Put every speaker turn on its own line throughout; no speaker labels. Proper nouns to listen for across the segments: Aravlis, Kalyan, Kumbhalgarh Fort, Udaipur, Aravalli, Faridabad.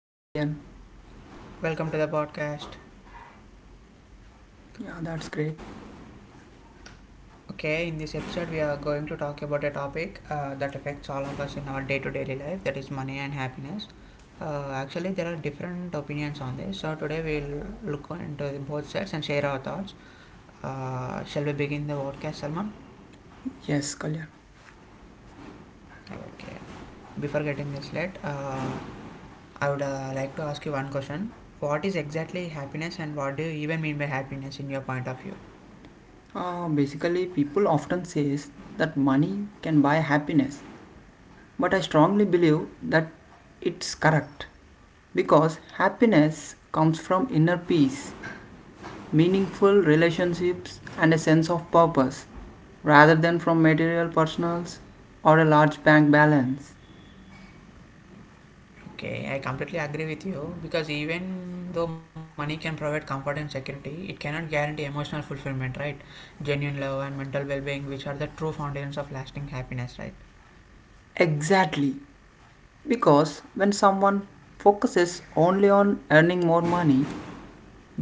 Hi Kalyan.
Welcome to the podcast.
Yeah, that's great.
Okay, in this episode we are going to talk about a topic that affects all of us in our day-to-day life, that is money and happiness. Actually there are different opinions on this. So today we'll look into the both sides and share our thoughts. Shall we begin the podcast, Salman?
Yes, Kalyan.
Okay. Before getting this late, I would like to ask you one question. What is exactly happiness and what do you even mean by happiness in your point of view?
Basically, people often says that money can buy happiness, but I strongly believe that it's correct because happiness comes from inner peace, meaningful relationships, and a sense of purpose rather than from material personals or a large bank balance.
Okay, I completely agree with you because even though money can provide comfort and security, it cannot guarantee emotional fulfillment, right? Genuine love and mental well being, which are the true foundations of lasting happiness, right?
Exactly. Because when someone focuses only on earning more money,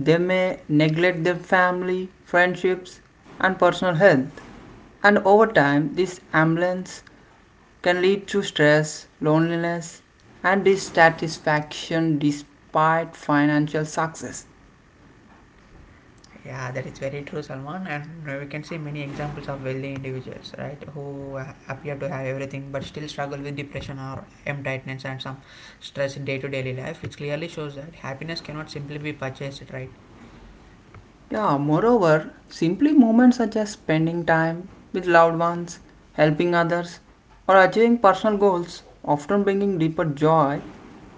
they may neglect their family, friendships, and personal health. And over time, this imbalance can lead to stress, loneliness, and dissatisfaction despite financial success.
Yeah, that is very true, Salman. And we can see many examples of wealthy individuals, right, who appear to have everything but still struggle with depression or emptiness and some stress in day to day life, which clearly shows that happiness cannot simply be purchased, right?
Yeah, moreover, simply moments such as spending time with loved ones, helping others, or achieving personal goals often bringing deeper joy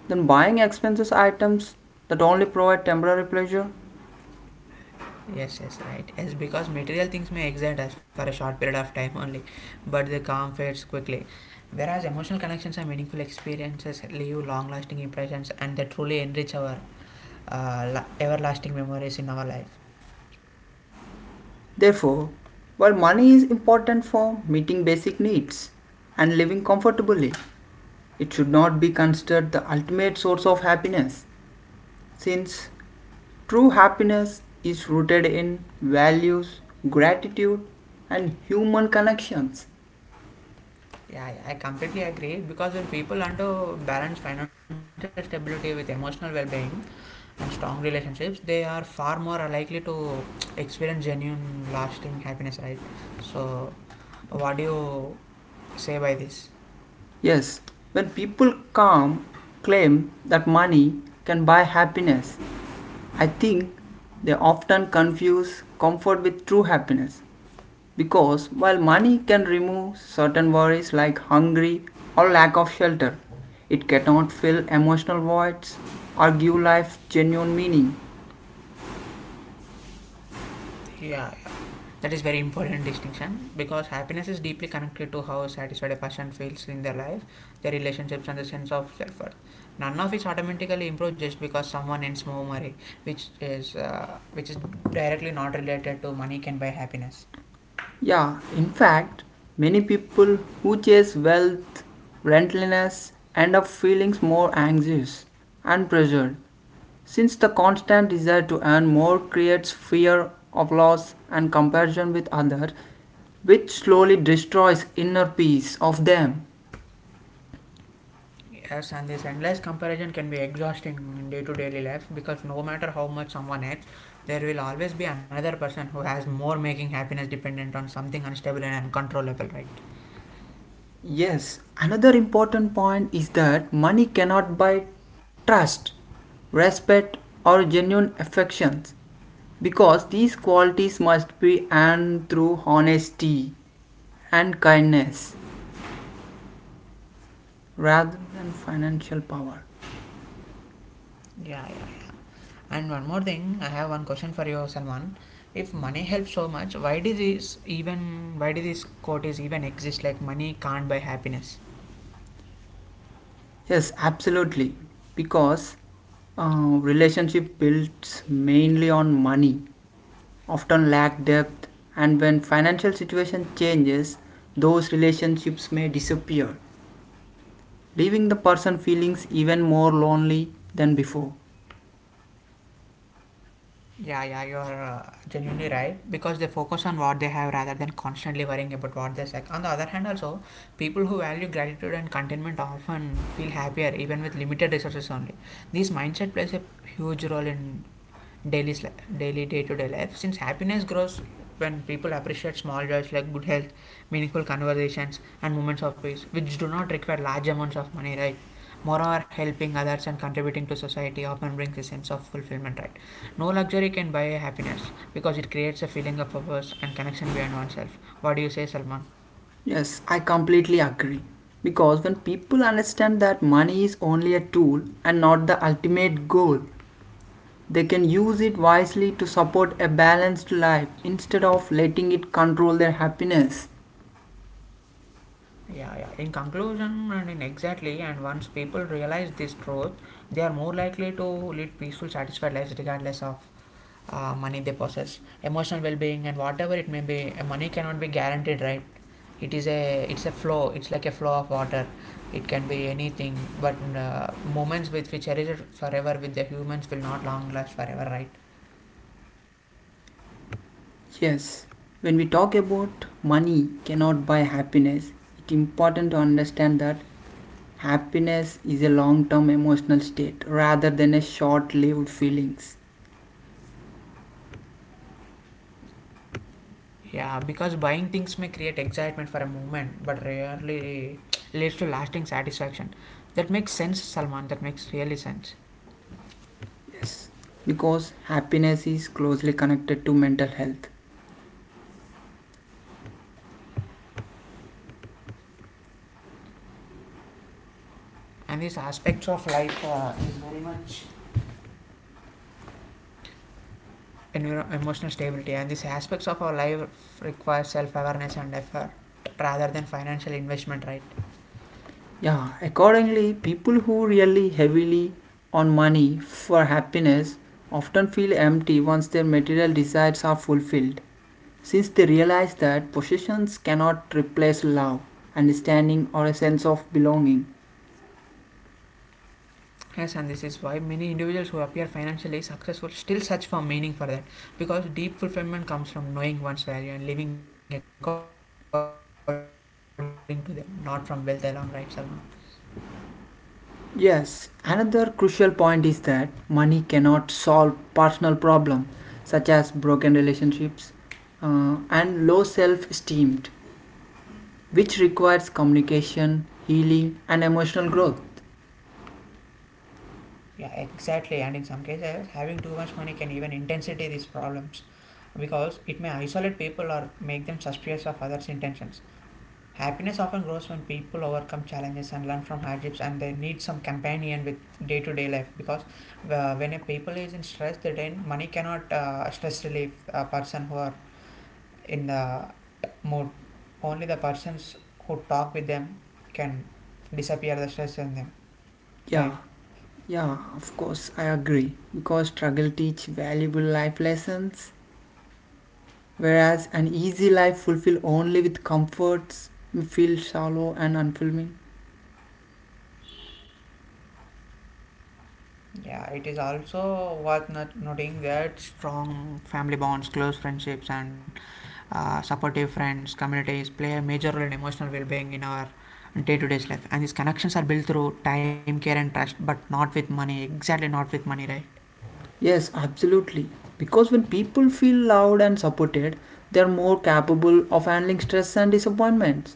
than buying expensive items that only provide temporary pleasure.
Yes, yes, right. Yes, because material things may excite us for a short period of time only, but the calm fades quickly. Whereas emotional connections and meaningful experiences leave long lasting impressions and they truly enrich our everlasting memories in our life.
Therefore, while money is important for meeting basic needs and living comfortably, it should not be considered the ultimate source of happiness, since true happiness is rooted in values, gratitude, and human connections.
Yeah, yeah, I completely agree because when people learn to balance financial stability with emotional well being and strong relationships, they are far more likely to experience genuine lasting happiness, right? So, what do you say by this?
Yes, when people come claim that money can buy happiness, I think they often confuse comfort with true happiness. Because while money can remove certain worries like hunger or lack of shelter, it cannot fill emotional voids or give life genuine meaning.
Yeah, that is very important distinction because happiness is deeply connected to how satisfied a person feels in their life, their relationships, and the sense of self-worth. None of it automatically improves just because someone earns more money, which is which is directly not related to money can buy happiness.
Yeah, in fact, many people who chase wealth, relentlessness end up feeling more anxious and pressured, since the constant desire to earn more creates fear of loss and comparison with others, which slowly destroys inner peace of them.
Yes, and this endless comparison can be exhausting in day to day life because no matter how much someone earns, there will always be another person who has more, making happiness dependent on something unstable and uncontrollable, right?
Yes, another important point is that money cannot buy trust, respect, or genuine affections because these qualities must be earned through honesty and kindness rather than financial power.
Yeah, yeah. And one more thing, I have one question for you, Salman. If money helps so much, why did this quote is even exist? Like money can't buy happiness.
Yes, absolutely, because relationship built mainly on money often lack depth, and when financial situation changes, those relationships may disappear, leaving the person feelings even more lonely than before.
Yeah, yeah, you are genuinely right because they focus on what they have rather than constantly worrying about what they lack. On the other hand, also people who value gratitude and contentment often feel happier even with limited resources only. This mindset plays a huge role in daily sli- daily day-to-day life, since happiness grows when people appreciate small joys like good health, meaningful conversations, and moments of peace, which do not require large amounts of money, right? Moreover, helping others and contributing to society often brings a sense of fulfillment, right? No luxury can buy happiness because it creates a feeling of purpose and connection beyond oneself. What do you say, Salman?
Yes, I completely agree. Because when people understand that money is only a tool and not the ultimate goal, they can use it wisely to support a balanced life instead of letting it control their happiness.
Yeah, yeah. In conclusion, and in exactly, and once people realize this truth, they are more likely to lead peaceful, satisfied lives regardless of money they possess. Emotional well-being and whatever it may be, money cannot be guaranteed, right? It is a It's like a flow of water. It can be anything, but moments with which cherish it forever with the humans will not long last forever, right?
Yes, when we talk about money cannot buy happiness, it's important to understand that happiness is a long term emotional state rather than a short lived feelings.
Yeah, because buying things may create excitement for a moment but rarely leads to lasting satisfaction. That makes sense, Salman. That makes really sense.
Yes, because happiness is closely connected to mental health.
And these aspects of life is very much emotional stability, and these aspects of our life require self-awareness and effort rather than financial investment, right?
Yeah, accordingly, people who rely heavily on money for happiness often feel empty once their material desires are fulfilled, since they realize that possessions cannot replace love, understanding, or a sense of belonging.
Yes, and this is why many individuals who appear financially successful still search for meaning for that, because deep fulfillment comes from knowing one's value and living according to them, not from wealth alone, right, Salman?
Yes, another crucial point is that money cannot solve personal problems such as broken relationships and low self esteem, which requires communication, healing, and emotional growth.
Yeah, exactly. And in some cases having too much money can even intensify these problems, because it may isolate people or make them suspicious of others intentions. Happiness often grows when people overcome challenges and learn from hardships, and they need some companion with day-to-day life. Because when a people is in stress, they then money cannot stress relief a person who are in the mood. Only the persons who talk with them can disappear the stress in them,
Yeah,
right?
yeah, of course, I agree. Because struggle teach valuable life lessons, whereas an easy life fulfilled only with comforts may feel shallow and unfulfilling.
Yeah, it is also worth not noting that strong family bonds, close friendships, and supportive friends, communities play a major role in emotional well being in our day to day life. And these connections are built through time, care, and trust, but not with money. Exactly, not with money, right?
Yes, absolutely. Because when people feel loved and supported, they are more capable of handling stress and disappointments,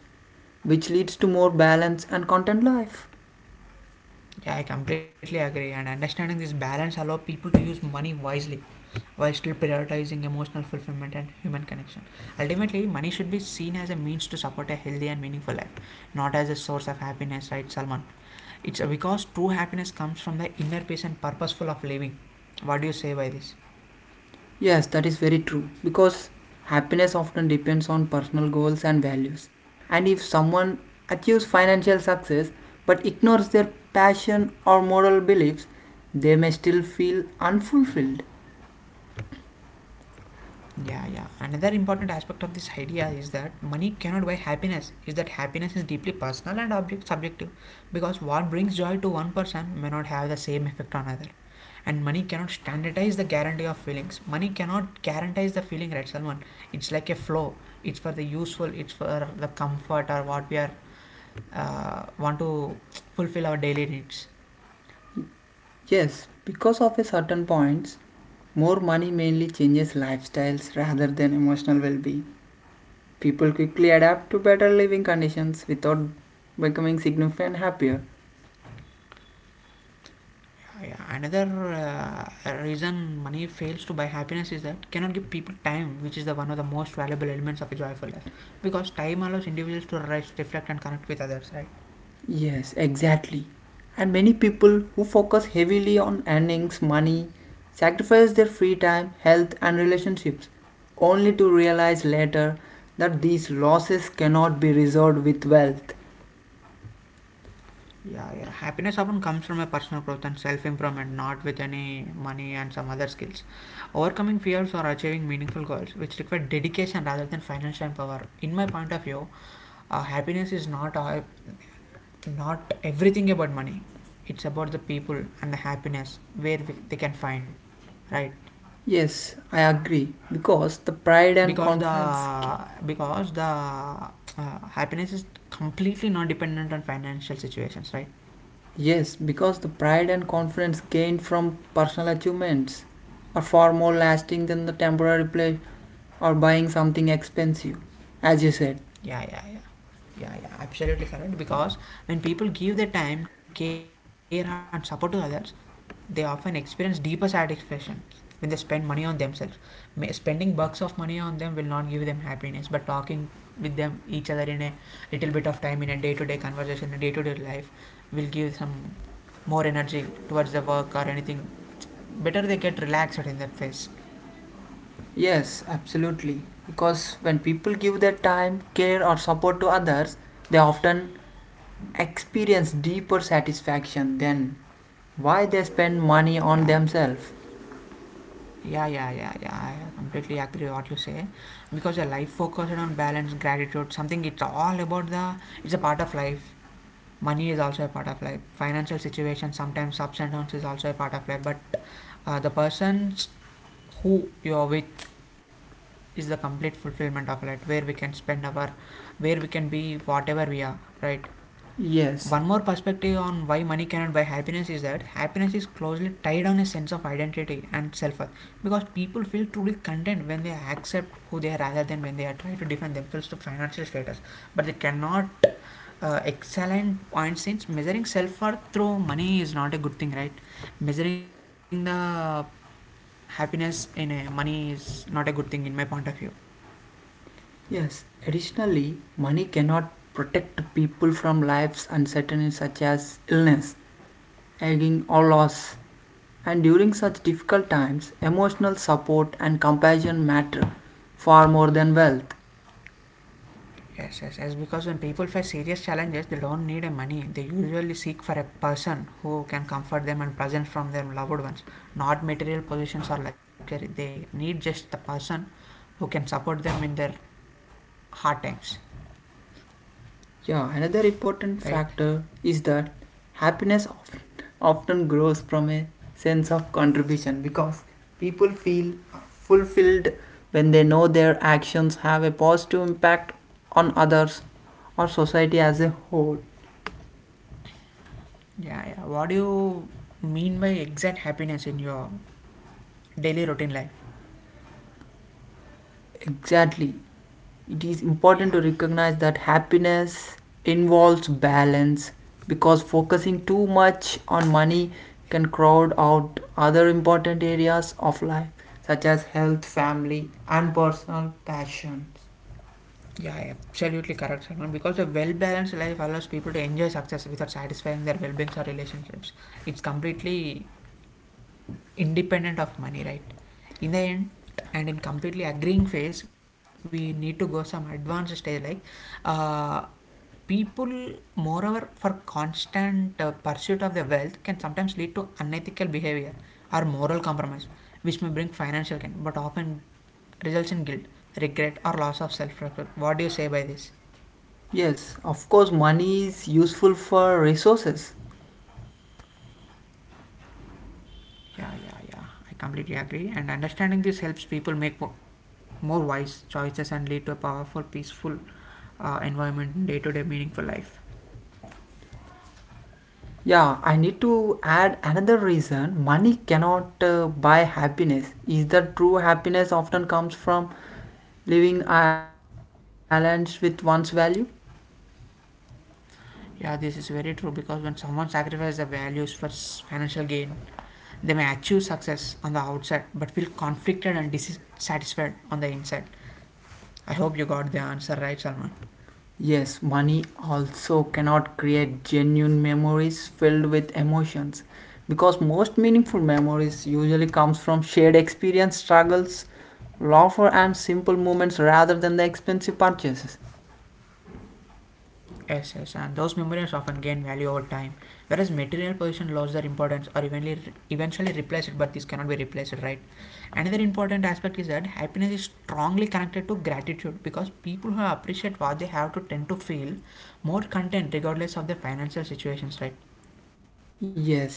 which leads to more balance and content life.
Yeah, I completely agree. And understanding this balance allow people to use money wisely while still prioritizing emotional fulfillment and human connection. Ultimately, money should be seen as a means to support a healthy and meaningful life, not as a source of happiness, right, Salman? It's because true happiness comes from the inner peace and purposeful of living. What do you say by this?
Yes, that is very true because happiness often depends on personal goals and values. And if someone achieves financial success but ignores their passion or moral beliefs, they may still feel unfulfilled.
Yeah, yeah. Another important aspect of this idea is that money cannot buy happiness. Is that happiness is deeply personal and object subjective, because what brings joy to one person may not have the same effect on another. And money cannot standardize the guarantee of feelings. Money cannot guarantize the feeling, right, Salman? It's like a flow. It's for the useful. It's for the comfort or what we are want to fulfill our daily needs.
Yes, because of a certain points, more money mainly changes lifestyles rather than emotional well-being. People quickly adapt to better living conditions without becoming significantly happier.
Yeah, yeah. Another reason money fails to buy happiness is that cannot give people time, which is the one of the most valuable elements of a joyful life. Because time allows individuals to rest, reflect, and connect with others, right?
Yes, exactly. And many people who focus heavily on earnings, money, sacrifice their free time, health, and relationships, only to realize later that these losses cannot be resolved with wealth.
Yeah, yeah. Happiness often comes from a personal growth and self improvement, not with any money and some other skills. Overcoming fears or achieving meaningful goals, which require dedication rather than financial power. In my point of view, happiness is not everything about money. It's about the people and the happiness where they can find, right?
Yes, I agree. Because the pride and
because the because the uh, happiness is completely not dependent on financial situations, right?
Yes, because the pride and confidence gained from personal achievements are far more lasting than the temporary pleasure or buying something expensive. As you said,
Yeah, yeah, yeah. Yeah, yeah, absolutely correct. Because when people give their time, care, and support to others, they often experience deeper satisfaction when they spend money on themselves. Spending bucks of money on them will not give them happiness, but talking with them each other in a little bit of time in a day to day conversation, a day to day life, will give some more energy towards the work or anything. Better they get relaxed in that phase.
yes, absolutely. Because when people give their time, care, or support to others, they often experience deeper satisfaction than why they spend money on
Yeah, yeah.
themselves.
Yeah, yeah, yeah, yeah. I completely agree what you say, because a life focused on balance, gratitude, something, it's all about the it's a part of life. Money is also a part of life. Financial situation sometimes ups and downs is also a part of life. But the persons who you're with is the complete fulfillment of life, where we can spend our, where we can be whatever we are, right?
Yes,
One more perspective on why money cannot buy happiness is that happiness is closely tied on a sense of identity and self worth, because people feel truly content when they accept who they are rather than when they are trying to defend themselves to financial status. But they cannot excellent point since measuring self worth through money is not a good thing, right? Measuring the happiness in a money is not a good thing in my point of view.
yes. Additionally, money cannot protect people from life's uncertainties such as illness, aging, or loss. And during such difficult times, emotional support and compassion matter far more than wealth.
Yes, yes, yes. Because when people face serious challenges, they don't need a money. They usually seek for a person who can comfort them and present from their loved ones. Not material possessions or luxury. They need just the person who can support them in their hard times.
Yeah, another important
Right?
factor is that happiness often grows from a sense of contribution because people feel fulfilled when they know their actions have a positive impact on others or society as a whole.
Yeah, yeah. What do you mean by exact happiness in your daily routine life?
Exactly. It is important
Yeah.
to recognize that happiness involves balance because focusing too much on money can crowd out other important areas of life, such as health, family, and personal passions.
Yeah, yeah, absolutely correct, Salman. Because a well balanced life allows people to enjoy success without satisfying their well beings or relationships. It's completely independent of money, right? In the end, and in completely agreeing phase, we need to go some advanced stage like uh, people, moreover, for constant pursuit of their wealth can sometimes lead to unethical behavior or moral compromise, which may bring financial gain, but often results in guilt, regret, or loss of self respect. What do you say by this?
Yes, of course, money is useful for resources.
Yeah, yeah, yeah. I completely agree. And understanding this helps people make more wise choices and lead to a powerful, peaceful environment, day to day meaningful life.
Yeah, I need to add another reason money cannot buy happiness. Is that true happiness often comes from living aligned with one's value?
Yeah, this is very true because when someone sacrifices their values for financial gain, they may achieve success on the outside but feel conflicted and dissatisfied on the inside. I hope you got the answer right, Salman.
Yes, money also cannot create genuine memories filled with emotions because most meaningful memories usually comes from shared experience, struggles, laughter and simple moments rather than the expensive purchases.
Yes, yes, and those memories often gain value over time, whereas material possession lost their importance or evenly, eventually replaced, but this cannot be replaced, right? Another important aspect is that happiness is strongly connected to gratitude because people who appreciate what they have to tend to feel more content regardless of their financial situations, right?
Yes,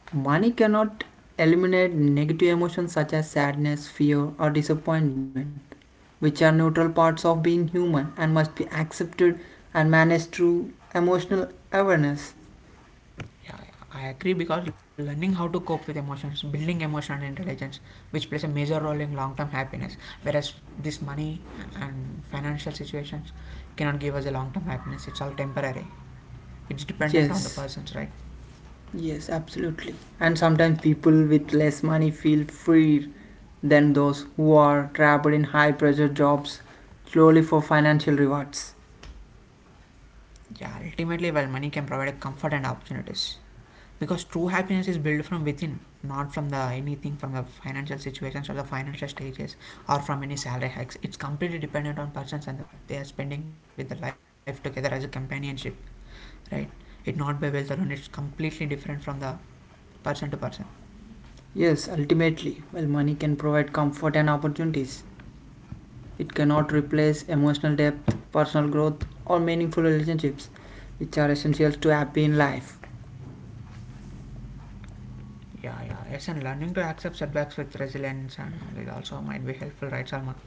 money cannot eliminate negative emotions such as sadness, fear or disappointment, which are neutral parts of being human and must be accepted and managed through emotional awareness.
Yeah, yeah, I agree because learning how to cope with emotions, building emotional intelligence, which plays a major role in long term happiness, whereas this money and financial situations cannot give us a long term happiness. It's all temporary, it's dependent on the
Yes,
person's right.
yes, absolutely. And sometimes people with less money feel freer than those who are trapped in high pressure jobs solely for financial rewards.
Yeah, ultimately, well, money can provide comfort and opportunities because true happiness is built from within, not from the anything from the financial situations or the financial stages or from any salary hikes. It's completely dependent on persons and they are spending with the life together as a companionship right? It's not by wealth alone, it's completely different from the person to person.
Yes, ultimately, while money can provide comfort and opportunities, it cannot replace emotional depth, personal growth, or meaningful relationships, which are essential to happy in life.
Yeah, yeah. Yes, and learning to accept setbacks with resilience and it also might be helpful, right, Salman?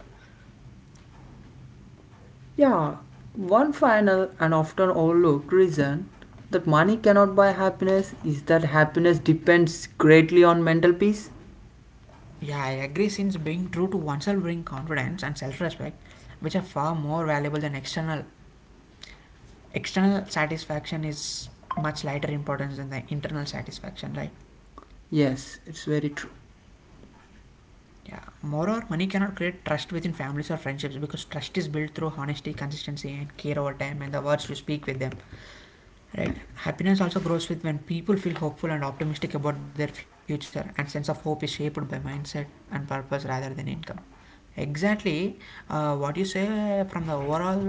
Yeah, one final and often overlooked reason that money cannot buy happiness is that happiness depends greatly on mental peace.
Yeah, I agree. Since being true to oneself brings confidence and self-respect, which are far more valuable than external. External satisfaction is much lighter importance than the internal satisfaction, right?
Yes, it's very true.
Yeah. Moreover, money cannot create trust within families or friendships because trust is built through honesty, consistency, and care over time, and the words you speak with them. Right. Happiness also grows with when people feel hopeful and optimistic about their future, and sense of hope is shaped by mindset and purpose rather than income. Exactly, what you say from the overall,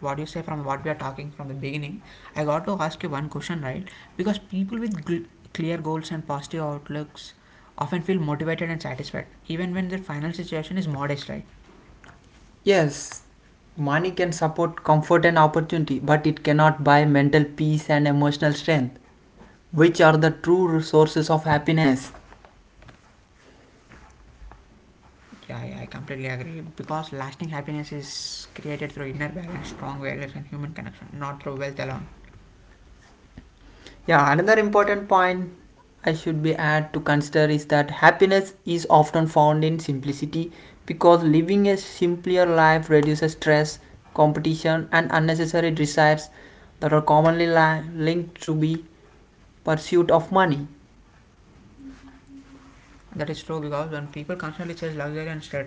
what you say from what we are talking from the beginning. I got to ask you one question, right? Because people with clear goals and positive outlooks often feel motivated and satisfied, even when their final situation is modest, right?
Yes, money can support comfort and opportunity, but it cannot buy mental peace and emotional strength, which are the true sources of happiness.
Yeah, yeah, I completely agree. Because lasting happiness is created through inner balance, strong values, and human connection, not through wealth alone.
Yeah, another important point I should be add to consider is that happiness is often found in simplicity because living a simpler life reduces stress, competition, and unnecessary desires that are commonly linked to the pursuit of money.
That is true because when people constantly chase luxury and statuses,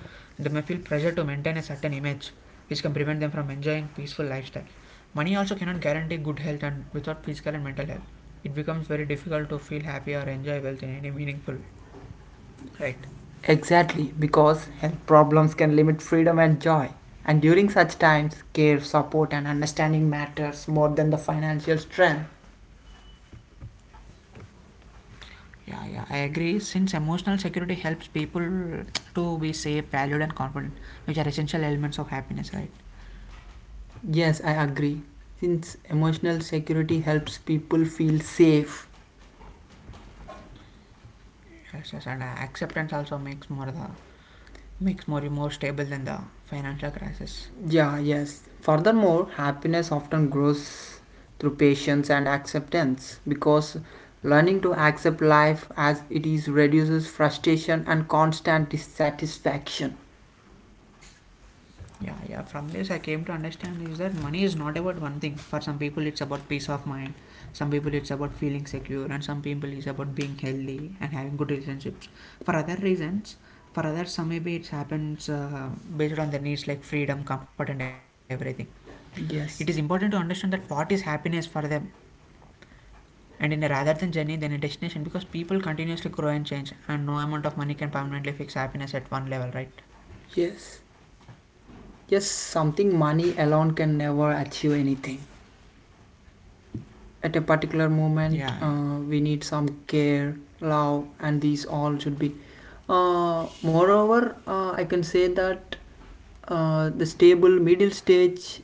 they may feel pressure to maintain a certain image, which can prevent them from enjoying peaceful lifestyle. Money also cannot guarantee good health, and without physical and mental health, it becomes very difficult to feel happy or enjoy wealth in any meaningful way. Right.
Exactly, because health problems can limit freedom and joy. And during such times, care, support, and understanding matters more than the financial strength.
Yeah, yeah, I agree. Since emotional security helps people to be safe, valued, and confident, which are essential elements of happiness, right?
Yes, I agree. Since emotional security helps people feel safe.
Yes, yes, and acceptance also makes more the makes more stable than the financial crisis.
Yeah, yes. Furthermore, happiness often grows through patience and acceptance because learning to accept life as it is reduces frustration and constant dissatisfaction.
Yeah, yeah. From this, I came to understand is that money is not about one thing. For some people, it's about peace of mind. Some people, it's about feeling secure, and some people, it's about being healthy and having good relationships. For other reasons, for others, some maybe it happens based on their needs like freedom, comfort, and everything. It is important to
Yes,
understand that what is happiness for them, and in a rather than journey than a destination, because people continuously grow and change, and no amount of money can permanently fix happiness at one level, right?
yes. Yes, something money alone can never achieve anything. At a particular moment,
Yeah, yeah.
we need some care, love, and these all should be. Moreover, I can say that the stable middle stage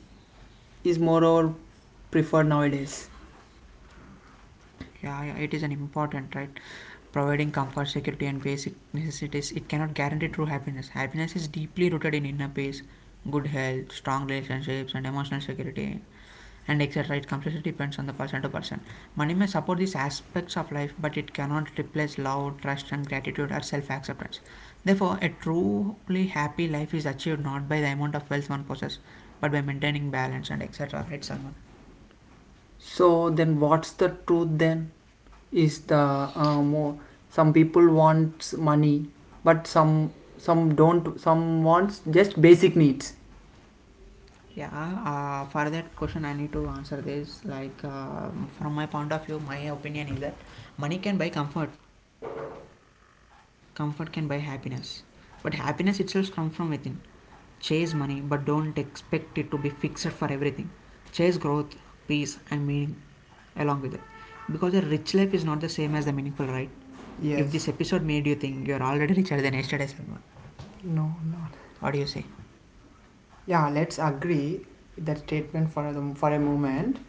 is moreover preferred nowadays.
Yeah, yeah, it is an important right. Providing comfort, security, and basic necessities, it cannot guarantee true happiness. Happiness is deeply rooted in inner peace, good health, strong relationships, and emotional security, and etc. It completely depends on the person to person. Money may support these aspects of life, but it cannot replace love, trust, and gratitude or self acceptance. Therefore, a truly happy life is achieved not by the amount of wealth one possesses, but by maintaining balance and etc. Right, Salman?
So then, what's the truth then? Is the more, some people wants money, but some don't. Some wants just basic needs.
Yeah, for that question, I need to answer this. Like, from my point of view, my opinion is that money can buy comfort, comfort can buy happiness, but happiness itself comes from within. Chase money, but don't expect it to be fixed for everything. Chase growth, peace, and meaning along with it. Because a rich life is not the same as the meaningful, right? If this episode made you
Yes.
think you're already richer than yesterday, Salman,
No.
what
Not.
do you say?
Yeah, let's agree with that statement for for a moment.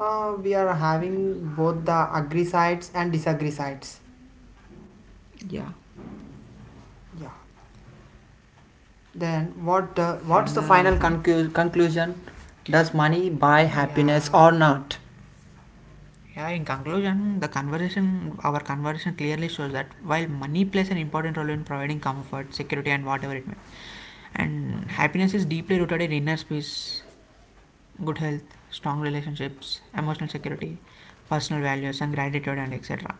We are
Yeah.
having both the agree sides and disagree sides.
Yeah,
Yeah. Then what?
from
What's the
the
final
com-
conclusion? Does money buy happiness
yeah,
or not?
yeah, in conclusion, the conversation, our conversation clearly shows that while money plays an important role in providing comfort, security, and whatever it may be, and happiness is deeply rooted in inner peace, good health, strong relationships, emotional security, personal values, and gratitude, and etc.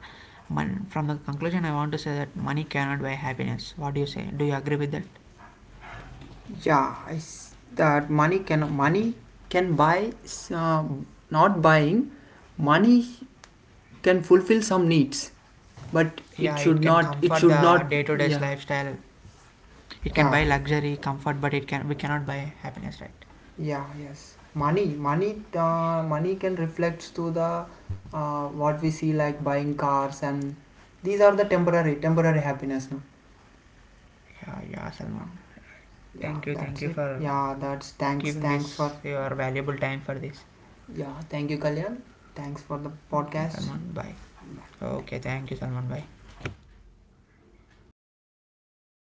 From the conclusion, I want to say that money cannot buy happiness. What do you say? Do you agree with that?
Yeah, that money can buy not buying. Money can fulfill some needs, but it
Yeah, it
should
can
not. It
comfort
should
the
not.
day to day
Yeah.
lifestyle, it can buy
Yeah,
luxury comfort, but it can we cannot buy happiness, right?
yeah, yes. Money can reflect to the what we see like buying cars, and these are the temporary happiness. No?
Yeah, yeah, Salman.
Yeah,
Thank you, thank
that's
you
it.
for
Yeah, that's thanks,
giving this
thanks for
your valuable time for this.
yeah. Thank you, Kalyan. Thanks for the
Okay,
podcast.
Salman, bye. Okay, thank you, Salman, bye.